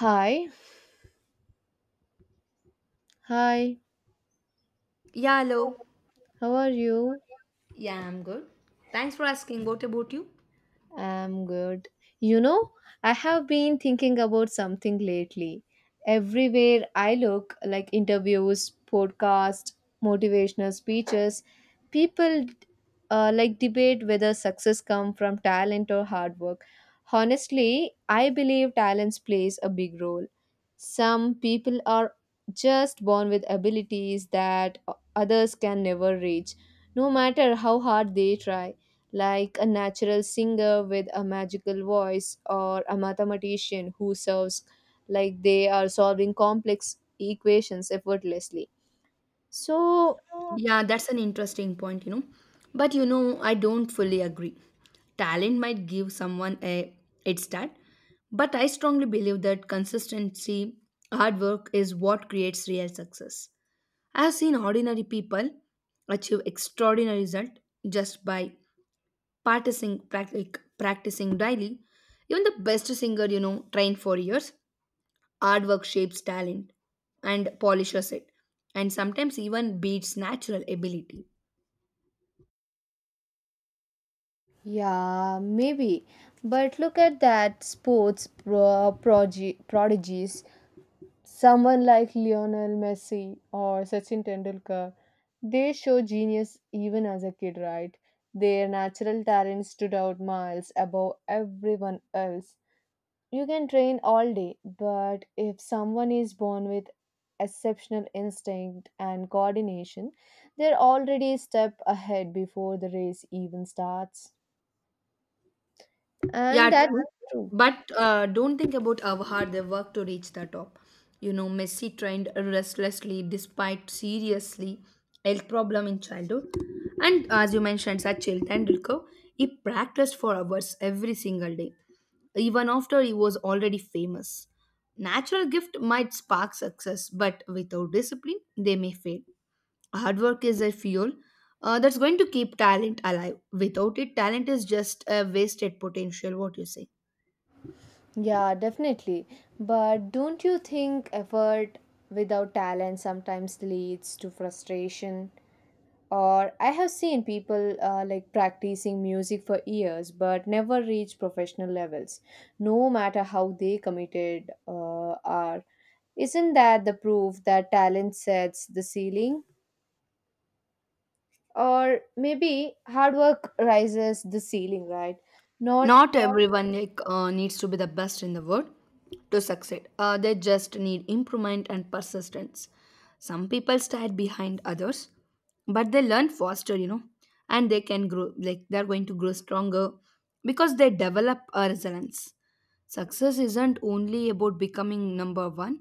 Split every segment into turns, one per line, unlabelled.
Hi, hi,
Yeah, hello.
how are you?
Yeah, I'm good. Thanks for asking. What about you?
I'm good. You know, I have been thinking about something lately. Everywhere I look, like interviews, podcasts, motivational speeches, people like debate whether success come from talent or hard work. Honestly, I believe talents plays a big role. Some people are just born with abilities that others can never reach, no matter how hard they try, like a natural singer with a magical voice or a mathematician who serves like they are solving complex equations effortlessly. So,
Yeah, that's an interesting point. But I don't fully agree. Talent might give someone a head start, but I strongly believe that consistency, hard work is what creates real success. I have seen ordinary people achieve extraordinary result just by practicing daily. Even the best singer, trained for years. Hard work shapes talent and polishes it, and sometimes even beats natural ability.
yeah, maybe. But look at that sports prodigies. Someone like Lionel Messi or Sachin Tendulkar, they show genius even as a kid, right? Their natural talent stood out miles above everyone else. You can train all day, but if someone is born with exceptional instinct and coordination, they're already a step ahead before the race even starts. And
Yeah,
that's
true.
true.
But don't think about how hard they work to reach the top. Messi trained restlessly despite seriously health problem in childhood. And as you mentioned, Sachin Tendulkar, he practiced for hours every single day, even after he was already famous. Natural gift might spark success, but without discipline, they may fail. Hard work is a fuel that's going to keep talent alive. Without it, talent is just a wasted potential. What you say?
Yeah, definitely. But don't you think effort without talent sometimes leads to frustration? Or I have seen people like practicing music for years but never reach professional levels, no matter how they committed are. Isn't that the proof that talent sets the ceiling? Or maybe hard work rises the ceiling, right? Not
Not everyone like needs to be the best in the world to succeed. They just need improvement and persistence. Some people start behind others, but they learn faster. And they can grow, like they're going to grow stronger because they develop a resilience. Success isn't only about becoming number one,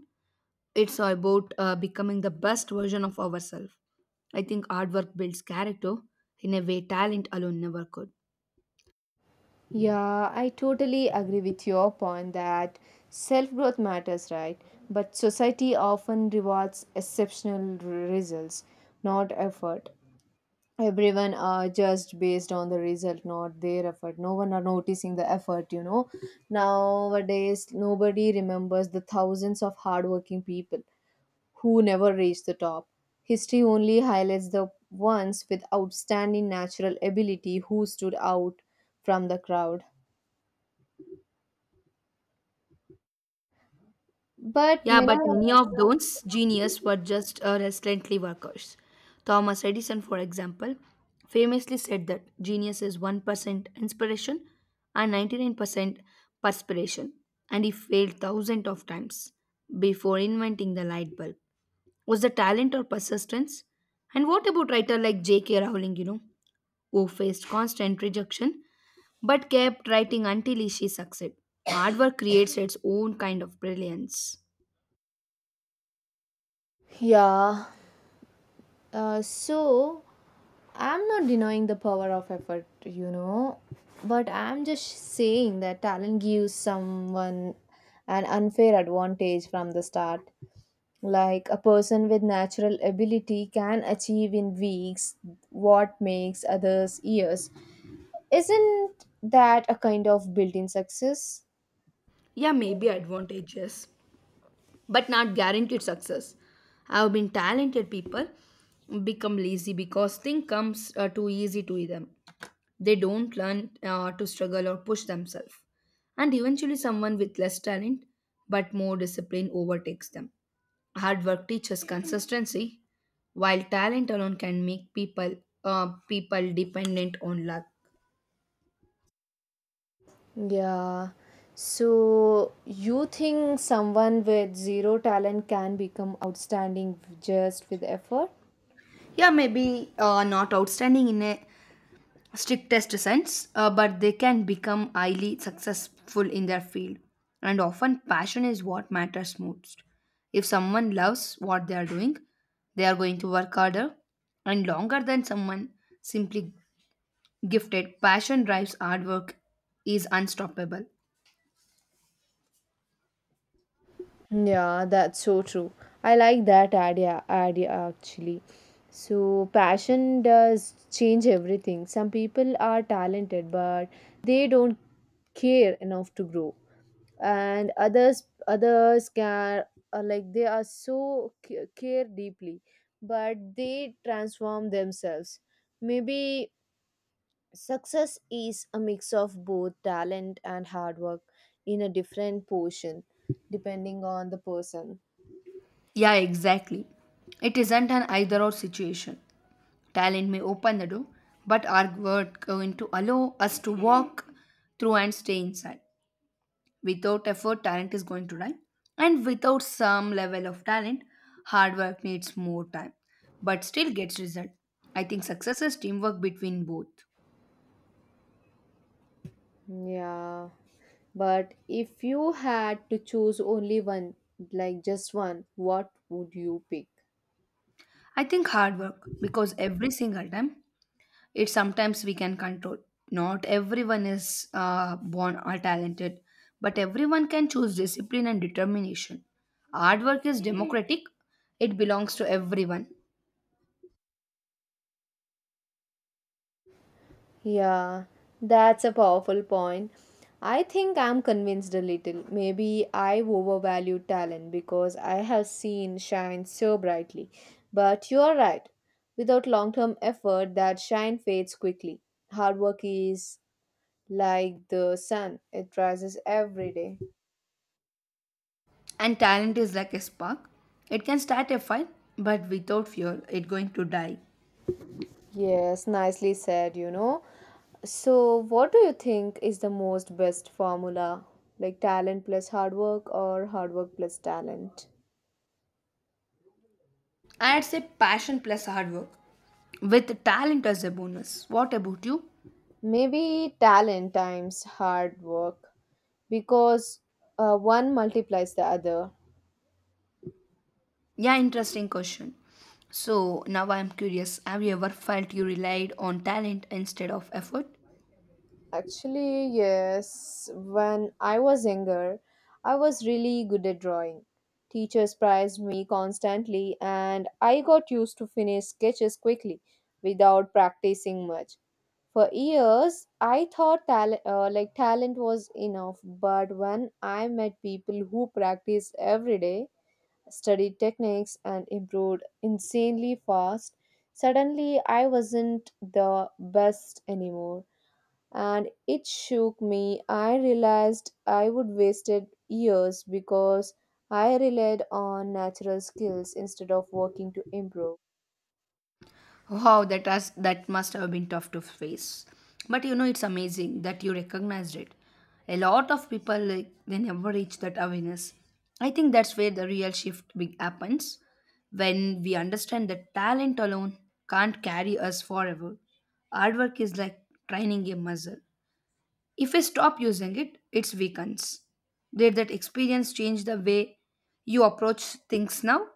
it's about becoming the best version of ourselves. I think hard work builds character in a way talent alone never could.
yeah, I totally agree with your point that self growth matters, right? But society often rewards exceptional results, not effort. Everyone are just based on the result, not their effort. No one are noticing the effort, you know. Nowadays nobody remembers the thousands of hardworking people who never reached the top. History only highlights the ones with outstanding natural ability who stood out from the crowd, but
Yeah,
many
but
of
many of those genius were just relentlessly workers. Thomas Edison, for example, famously said that genius is 1% inspiration and 99% perspiration, and he failed thousands of times before inventing the light bulb. Was the talent or persistence? And what about writer like J.K. Rowling, who faced constant rejection but kept writing until she succeeded? Hard work creates its own kind of brilliance.
yeah So I'm not denying the power of effort, you know, but I'm just saying that talent gives someone an unfair advantage from the start. Like a person with natural ability can achieve in weeks what makes others years. Isn't that a kind of built in success?
Yeah, maybe advantages, but not guaranteed success. I've been talented people become lazy because thing comes too easy to them. They don't learn to struggle or push themselves. And eventually, someone with less talent but more discipline overtakes them. Hard work teaches consistency, while talent alone can make people dependent on luck.
Yeah. So you think someone with zero talent can become outstanding just with effort?
Yeah, maybe not outstanding in a strictest sense, but they can become highly successful in their field. And often, passion is what matters most. If someone loves what they are doing, they are going to work harder and longer than someone simply gifted. Passion drives hard work is unstoppable.
Yeah, that's so true. I like that idea, actually. So, passion does change everything. Some people are talented, but they don't care enough to grow. And others, can are like they are so care deeply, but they transform themselves. Maybe success is a mix of both talent and hard work in a different portion, depending on the person.
Yeah, exactly. It isn't an either or situation. Talent may open the door, but our work going to allow us to walk through and stay inside. Without effort, talent is going to die. And without some level of talent, hard work needs more time, but still gets result. I think success is teamwork between both.
Yeah, but if you had to choose only one, like just one, what would you pick?
I think hard work because every single time it sometimes we can control. Not everyone is born or talented, but everyone can choose discipline and determination. Hard work is democratic, it belongs to everyone.
Yeah, that's a powerful point. I think I'm convinced a little. Maybe I overvalue talent because I have seen shine so brightly. But you're right. Without long term effort, that shine fades quickly. Hard work is like the sun, it rises every day.
And talent is like a spark. It can start a fire, but without fuel, it's going to die.
Yes, nicely said, you know. So, what do you think is the most best formula? Like talent plus hard work or hard work plus talent?
I'd say passion plus hard work with talent as a bonus. What about you?
Maybe talent times hard work because one multiplies the other.
Yeah, interesting question. So now I'm curious, have you ever felt you relied on talent instead of effort?
Actually, yes, when I was younger, I was really good at drawing. Teachers prized me constantly, and I got used to finish sketches quickly without practicing much. For years, I thought talent was enough, but when I met people who practiced every day, studied techniques, and improved insanely fast, suddenly I wasn't the best anymore, and it shook me. I realized I would wasted years because I relied on natural skills instead of working to improve.
Wow, that must have been tough to face. But it's amazing that you recognized it. A lot of people like they never reach that awareness. I think that's where the real shift big happens when we understand that talent alone can't carry us forever. Hard work is like training a muscle. If we stop using it, it weakens. Did that experience change the way you approach things now?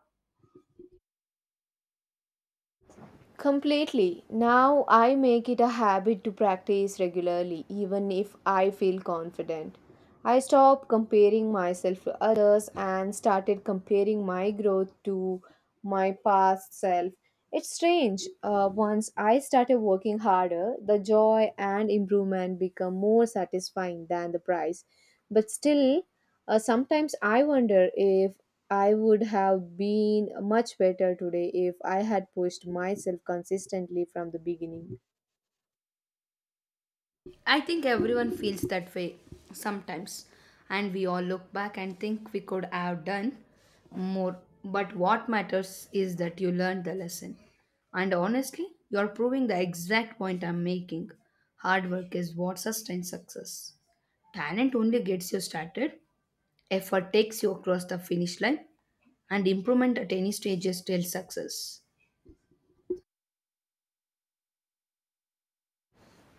Completely. Now I make it a habit to practice regularly, even if I feel confident. I stopped comparing myself to others and started comparing my growth to my past self. It's strange. Once I started working harder, the joy and improvement become more satisfying than the prize. But still, sometimes I wonder if I would have been much better today if I had pushed myself consistently from the beginning.
I think everyone feels that way sometimes, and we all look back and think we could have done more. But what matters is that you learned the lesson. And honestly, you are proving the exact point I'm making. Hard work is what sustains success. Talent only gets you started, effort takes you across the finish line, and improvement at any stage is still success.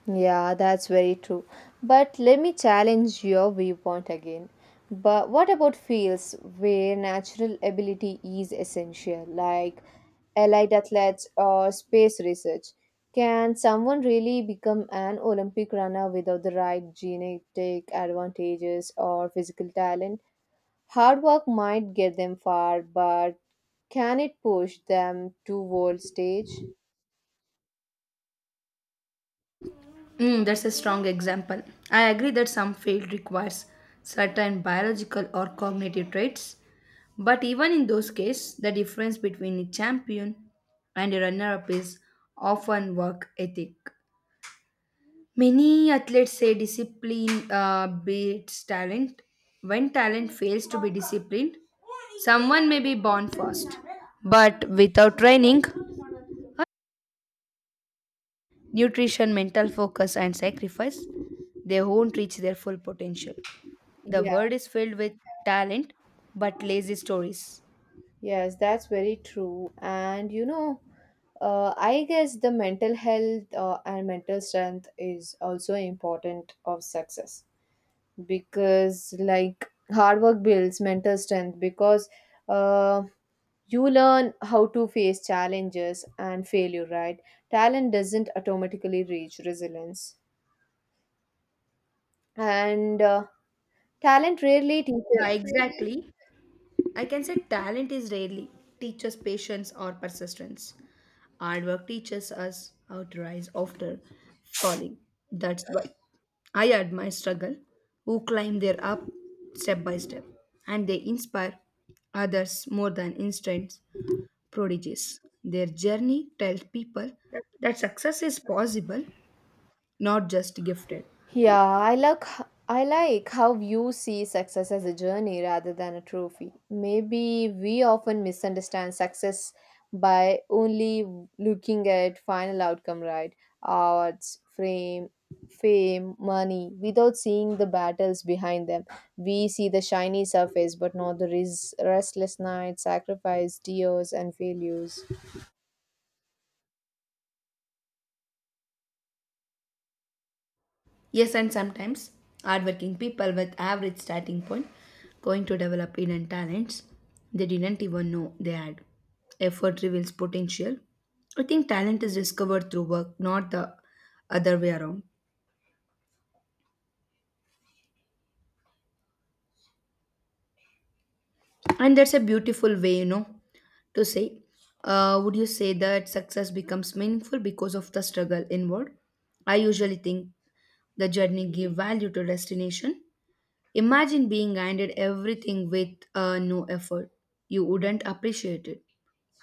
Yeah, that's very true. But let me challenge your viewpoint again. But what about fields where natural ability is essential, like allied athletes or space research? Can someone really become an Olympic runner without the right genetic advantages or physical talent? Hard work might get them far, but can it push them to world stage?
Mm, that's a strong example. I agree that some field requires certain biological or cognitive traits, but even in those cases, the difference between a champion and a runner-up is often work ethic. Many athletes say discipline beats talent. When talent fails to be disciplined, someone may be born first, but without training, nutrition, mental focus, and sacrifice, they won't reach their full potential. The
Yeah,
world is filled with talent but lazy stories.
yes, that's very true. And you know, I guess the mental health and mental strength is also important of success because like hard work builds mental strength because uh, you learn how to face challenges and failure, right? Talent doesn't automatically reach resilience. And talent rarely
Yeah,
teaches.
exactly. I can say talent is rarely teaches patience or persistence. Hard work teaches us how to rise after falling. That's why I admire struggle who climb their up step by step and they inspire others more than instant prodigies. Their journey tells people that success is possible, not just gifted.
Yeah, I like I like how you see success as a journey rather than a trophy. Maybe we often misunderstand success by only looking at final outcome, right? Awards, fame, money, without seeing the battles behind them. We see the shiny surface, but not the restless nights, sacrifice, tears, and failures.
Yes, and sometimes hardworking people with average starting point going to develop hidden talents they didn't even know they had. Effort reveals potential. I think talent is discovered through work, not the other way around. And that's a beautiful way, to say. Would you say that success becomes meaningful because of the struggle inward? I usually think the journey gave value to destination. Imagine being handed everything with no effort. You wouldn't appreciate it.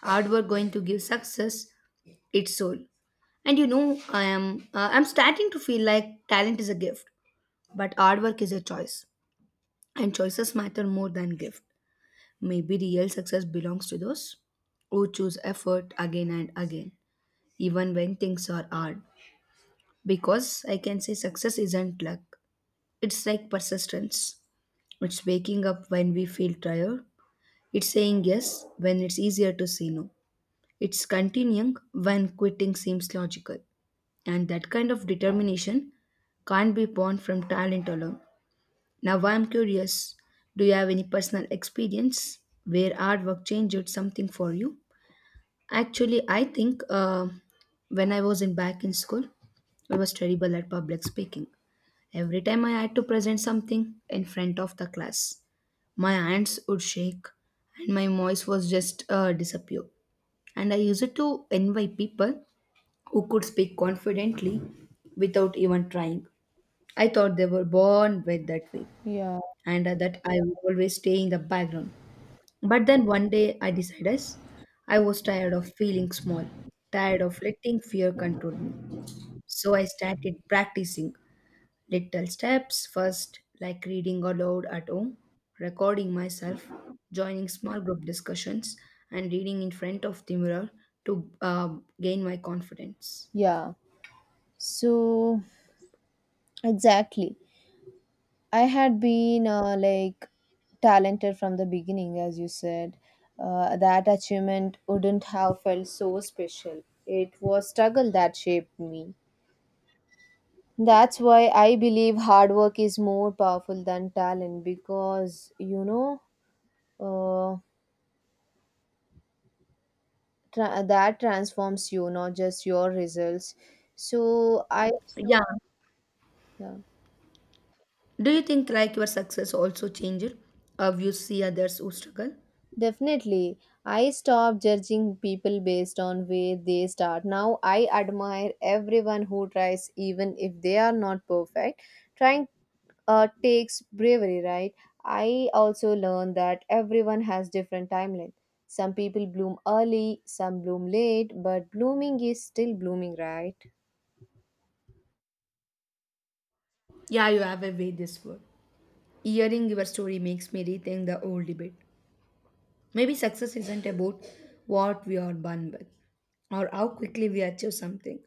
Hard work going to give success its soul. And I'm starting to feel like talent is a gift, but hard work is a choice, and choices matter more than gift. Maybe real success belongs to those who choose effort again and again, even when things are hard. Because I can say success isn't luck; it's like persistence. It's waking up when we feel tired. It's saying yes when it's easier to say no. It's continuing when quitting seems logical. And that kind of determination can't be born from talent alone. Now, I'm curious, do you have any personal experience where artwork changed something for you? Actually, I think when I was in back in school, I was terrible at public speaking. Every time I had to present something in front of the class, my hands would shake and my voice was just disappear. And I used it to envy people who could speak confidently without even trying. I thought they were born with that way.
Yeah,
And that I would always stay in the background. But then one day I decided I was tired of feeling small, tired of letting fear control me, so I started practicing. Little steps first, like reading aloud at home, recording myself, joining small group discussions, and reading in front of the mirror to gain my confidence.
yeah. So exactly. I had been like talented from the beginning, as you said. That achievement wouldn't have felt so special. It was struggle that shaped me. That's why I believe hard work is more powerful than talent because you know, uh, that transforms you, not just your results. So I
Yeah.
yeah.
Do you think like your success also changes how you see others who struggle?
Definitely. I stopped judging people based on where they start. Now I admire everyone who tries even if they are not perfect. Trying takes bravery, right? I also learned that everyone has different timeline. Some people bloom early, some bloom late, but blooming is still blooming, right?
Yeah, you have a way this word. Hearing your story makes me rethink the old debate. Maybe success isn't about what we are born with or how quickly we achieve something.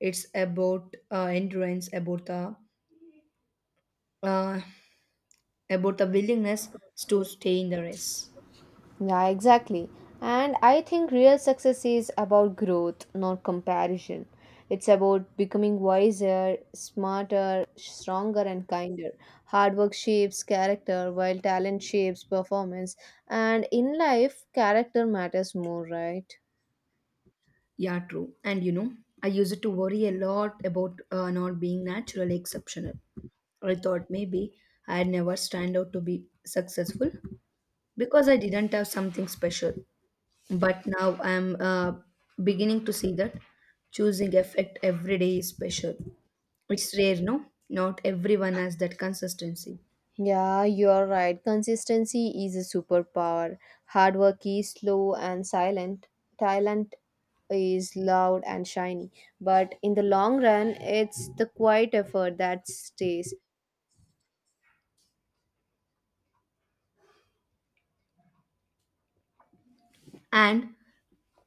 It's about endurance, uh, about the willingness to stay in the race.
Yeah, exactly. And I think real success is about growth, not comparison. It's about becoming wiser, smarter, stronger, and kinder. Hard work shapes character, while talent shapes performance. And in life, character matters more, right?
Yeah, true. And I used to worry a lot about not being naturally exceptional. I thought maybe I'd never stand out to be successful because I didn't have something special. But now I'm beginning to see that choosing effect every day is special. It's rare, no? Not everyone has that consistency.
Yeah, you're right. Consistency is a superpower. Hard work is slow and silent. Talent is loud and shiny. But in the long run, it's the quiet effort that stays.
And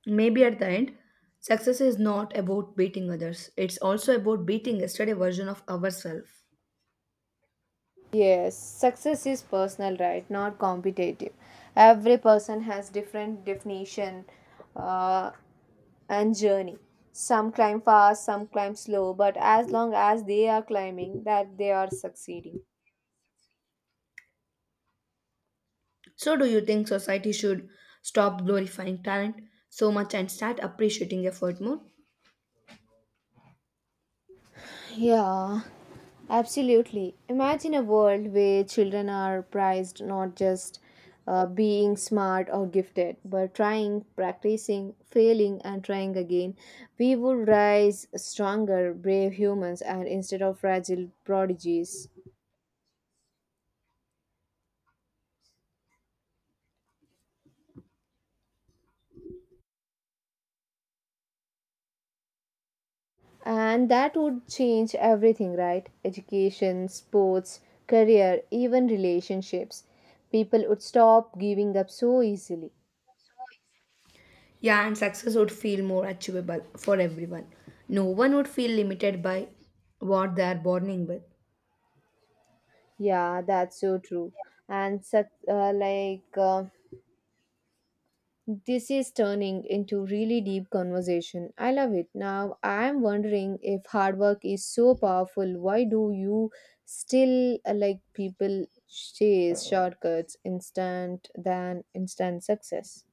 maybe at the end, success is not about beating others, it's also about beating yesterday version of ourselves.
Yes, success is personal, right? Not competitive. Every person has different definition uh, and journey. Some climb fast, some climb slow, but as long as they are climbing, that they are succeeding.
So do you think society should stop glorifying talent so much and start appreciating effort more?
Yeah, absolutely. Imagine a world where children are prized not just being smart or gifted, but trying, practicing, failing, and trying again. We would rise stronger, brave humans, and instead of fragile prodigies. And that would change everything, right? Education, sports, career, even relationships. People would stop giving up so easily.
Yeah, and success would feel more achievable for everyone. No one would feel limited by what they are born in with.
Yeah, that's so true. And such this is turning into really deep conversation. I love it. Now I'm wondering if hard work is so powerful, why do you still like people chase shortcuts instant than instant success?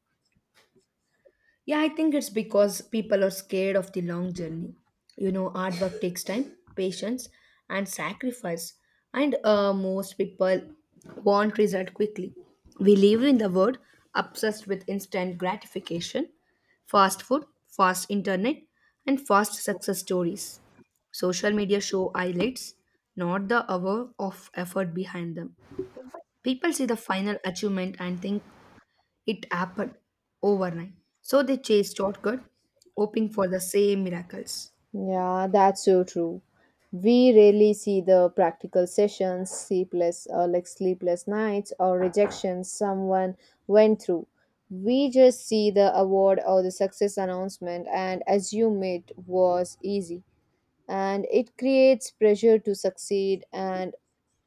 Yeah, I think it's because people are scared of the long journey. Hard work takes time, patience, and sacrifice. And most people want result quickly. We live in the world obsessed with instant gratification, fast food, fast internet, and fast success stories. Social media show highlights, not the hour of effort behind them. People see the final achievement and think it happened overnight. So they chased shortcut, hoping for the same miracles.
Yeah, that's so true. We rarely see the practical sessions, sleepless or like sleepless nights or rejections someone went through. We just see the award or the success announcement and assume it was easy, and it creates pressure to succeed and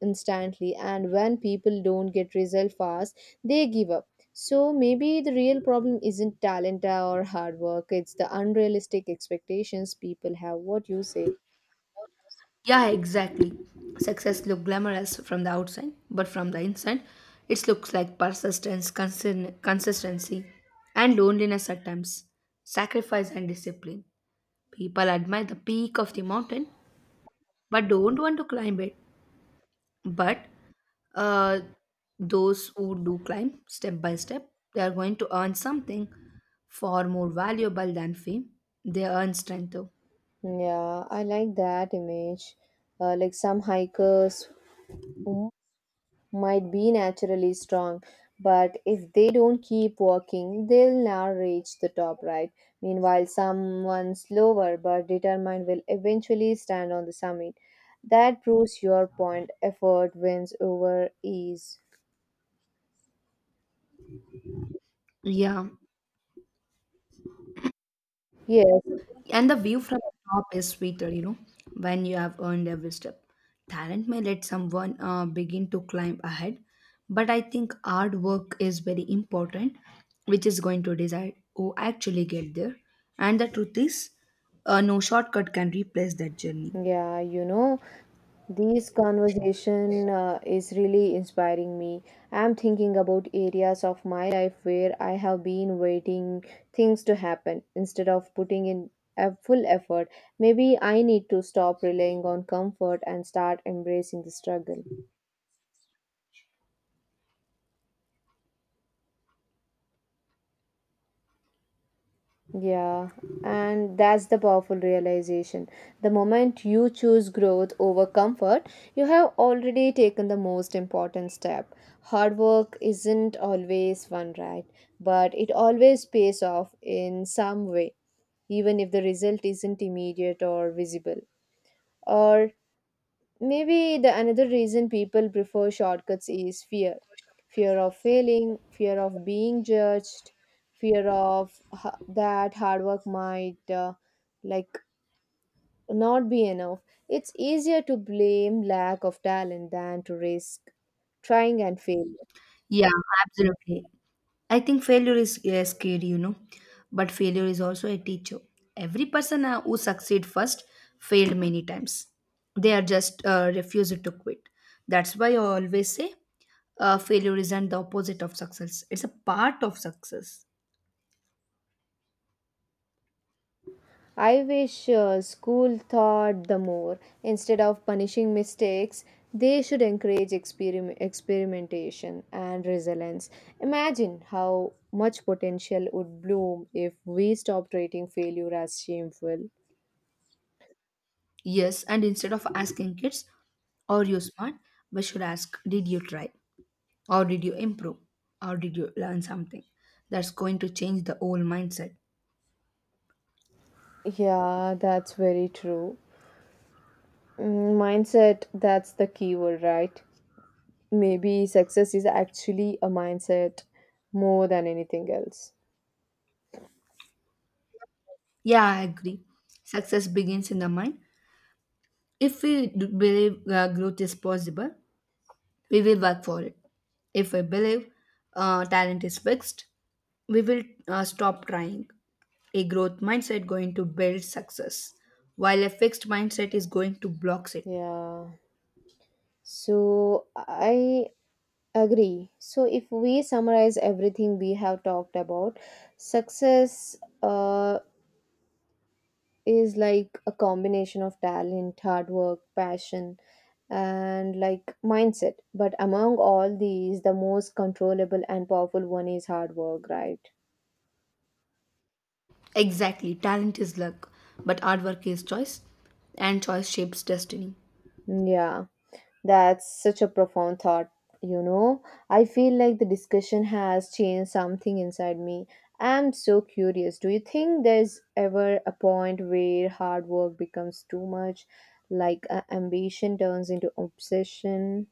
instantly. And when people don't get result fast, they give up. So maybe the real problem isn't talent or hard work, it's the unrealistic expectations people have. What you say?
Yeah, exactly. Success looks glamorous from the outside, but from the inside, it looks like persistence, consistency, and loneliness at times, sacrifice and discipline. People admire the peak of the mountain, but don't want to climb it. But uh, those who do climb step by step, they are going to earn something far more valuable than fame. They earn strength though.
Yeah, I like that image. Like some hikers who might be naturally strong, but if they don't keep working, they'll never reach the top, right? Meanwhile, someone slower but determined will eventually stand on the summit. That proves your point effort wins over ease.
Yeah,
Yes,
and the view from the top is sweeter when you have earned every step. Talent may let someone begin to climb ahead, but I think hard work is very important, which is going to decide who actually get there. And the truth is, no shortcut can replace that journey.
yeah, you know, this conversation is really inspiring me. I'm thinking about areas of my life where I have been waiting things to happen instead of putting in a full effort. Maybe I need to stop relying on comfort and start embracing the struggle. Yeah, and that's the powerful realization. The moment you choose growth over comfort, you have already taken the most important step. Hard work isn't always fun, right? But it always pays off in some way, even if the result isn't immediate or visible. Or maybe the another reason people prefer shortcuts is fear. Fear of failing, fear of being judged, fear of that hard work might like not be enough. It's easier to blame lack of talent than to risk trying and failing.
Yeah, absolutely. I think failure is scary, but failure is also a teacher. Every person who succeed first failed many times. They are just refusing to quit. That's why I always say failure isn't the opposite of success. It's a part of success.
I wish school thought the more. Instead of punishing mistakes, they should encourage experimentation and resilience. Imagine how much potential would bloom if we stopped treating failure as shameful.
Yes, and instead of asking kids, are you smart? We should ask, did you try? Or did you improve? Or did you learn something? That's going to change the whole mindset.
Yeah, that's very true. Mm, mindset, that's the key word, right? Maybe success is actually a mindset more than anything else.
Yeah, I agree. Success begins in the mind. If we do believe growth is possible, we will work for it. If we believe talent is fixed, we will stop trying. A growth mindset going to build success, while a fixed mindset is going to block it.
Yeah. So I agree. So, if we summarize everything we have talked about, success uh, is like a combination of talent, hard work, passion, and like mindset. But among all these, the most controllable and powerful one is hard work, right?
Exactly, talent is luck, but hard work is choice, and choice shapes destiny.
Yeah. That's such a profound thought, you know. I feel like the discussion has changed something inside me. I'm so curious. Do you think there's ever a point where hard work becomes too much, like ambition turns into obsession?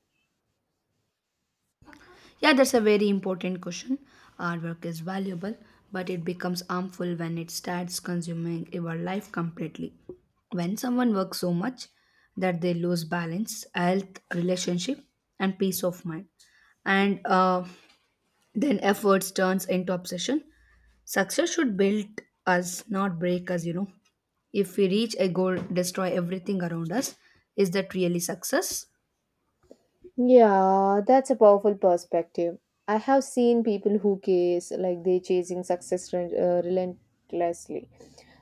Yeah, that's a very important question. Artwork is valuable, but it becomes harmful when it starts consuming your life completely. When someone works so much that they lose balance, health, relationship, and peace of mind, and then efforts turns into obsession. Success should build us, not break us. If we reach a goal, destroy everything around us. Is that really success?
Yeah, that's a powerful perspective. I have seen people who case like they're chasing success relentlessly.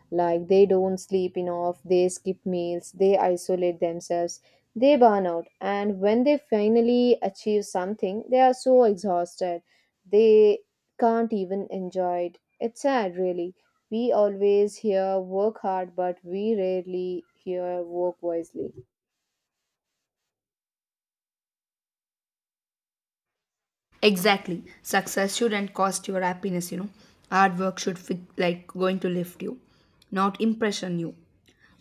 Like they don't sleep enough, they skip meals, they isolate themselves, they burn out. And when they finally achieve something, they are so exhausted. They can't even enjoy it. It's sad, really. We always hear work hard, but we rarely hear work wisely.
Exactly. Success shouldn't cost your happiness. Hard work should fit, like going to lift you, not impression you.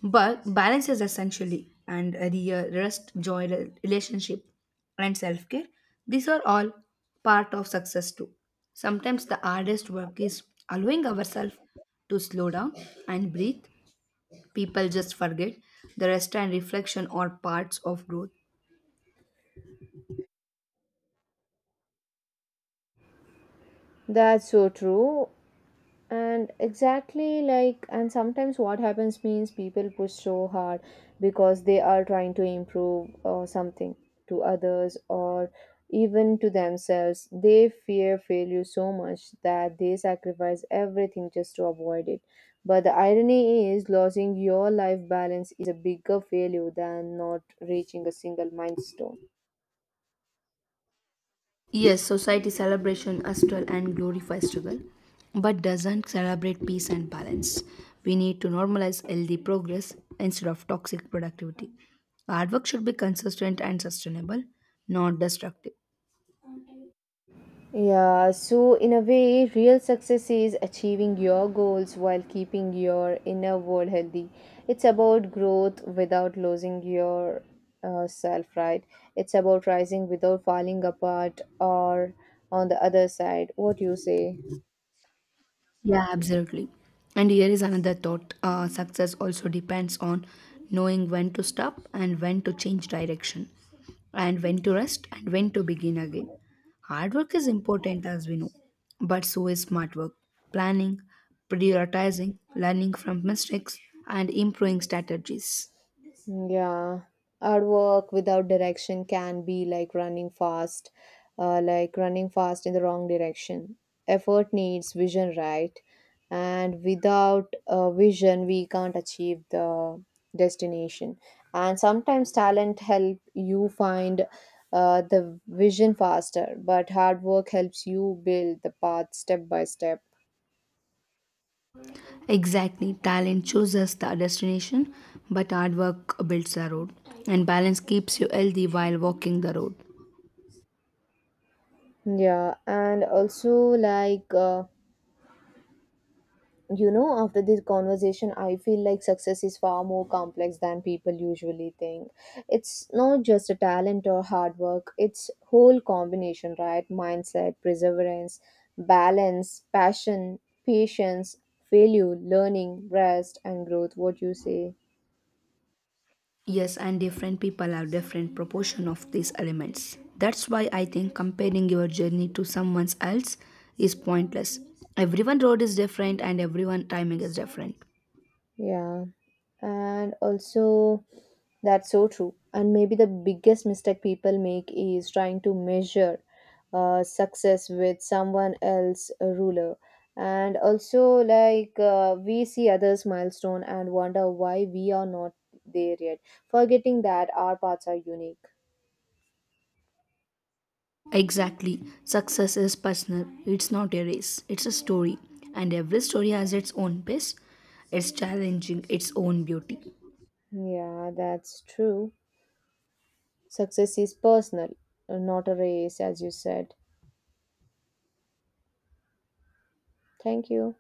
But balance is essentially and a real rest, joy, relationship, and self care. These are all part of success too. Sometimes the hardest work is allowing ourselves to slow down and breathe. People just forget the rest and reflection are parts of growth.
That's so true. And exactly like, and sometimes what happens means people push so hard because they are trying to improve or something to others or even to themselves. They fear failure so much that they sacrifice everything just to avoid it. But the irony is losing your life balance is a bigger failure than not reaching a single milestone.
Yes, society celebration astral and glorify struggle, but doesn't celebrate peace and balance. We need to normalize healthy progress instead of toxic productivity. Our work should be consistent and sustainable, not destructive.
Yeah, so in a way, real success is achieving your goals while keeping your inner world healthy. It's about growth without losing your self, right? It's about rising without falling apart or on the other side. What do you say?
Yeah, absolutely. And here is another thought, success also depends on knowing when to stop and when to change direction, and when to rest and when to begin again. Hard work is important, as we know, but so is smart work. Planning, prioritizing, learning from mistakes, and improving strategies.
Yeah, our work without direction can be like running fast in the wrong direction. Effort needs vision, right? And without vision, we can't achieve the destination. And sometimes talent help you find the vision faster, but hard work helps you build the path step by step.
Exactly, talent chooses the destination, but hard work builds the road, and balance keeps you healthy while walking the road.
Yeah, and also like. You know, after this conversation, I feel like success is far more complex than people usually think. It's not just a talent or hard work, it's whole combination, right? Mindset, perseverance, balance, passion, patience, failure, learning, rest, and growth. What you say?
Yes, and different people have different proportion of these elements. That's why I think comparing your journey to someone else is pointless. Everyone road is different and everyone timing is different.
Yeah. And also that's so true. And maybe the biggest mistake people make is trying to measure success with someone else's ruler. And also like, we see others milestone and wonder why we are not there yet, forgetting that our paths are unique.
Exactly. Success is personal. It's not a race. It's a story. And every story has its own pace, its challenging, its own beauty.
Yeah, that's true. Success is personal, not a race, as you said. Thank you.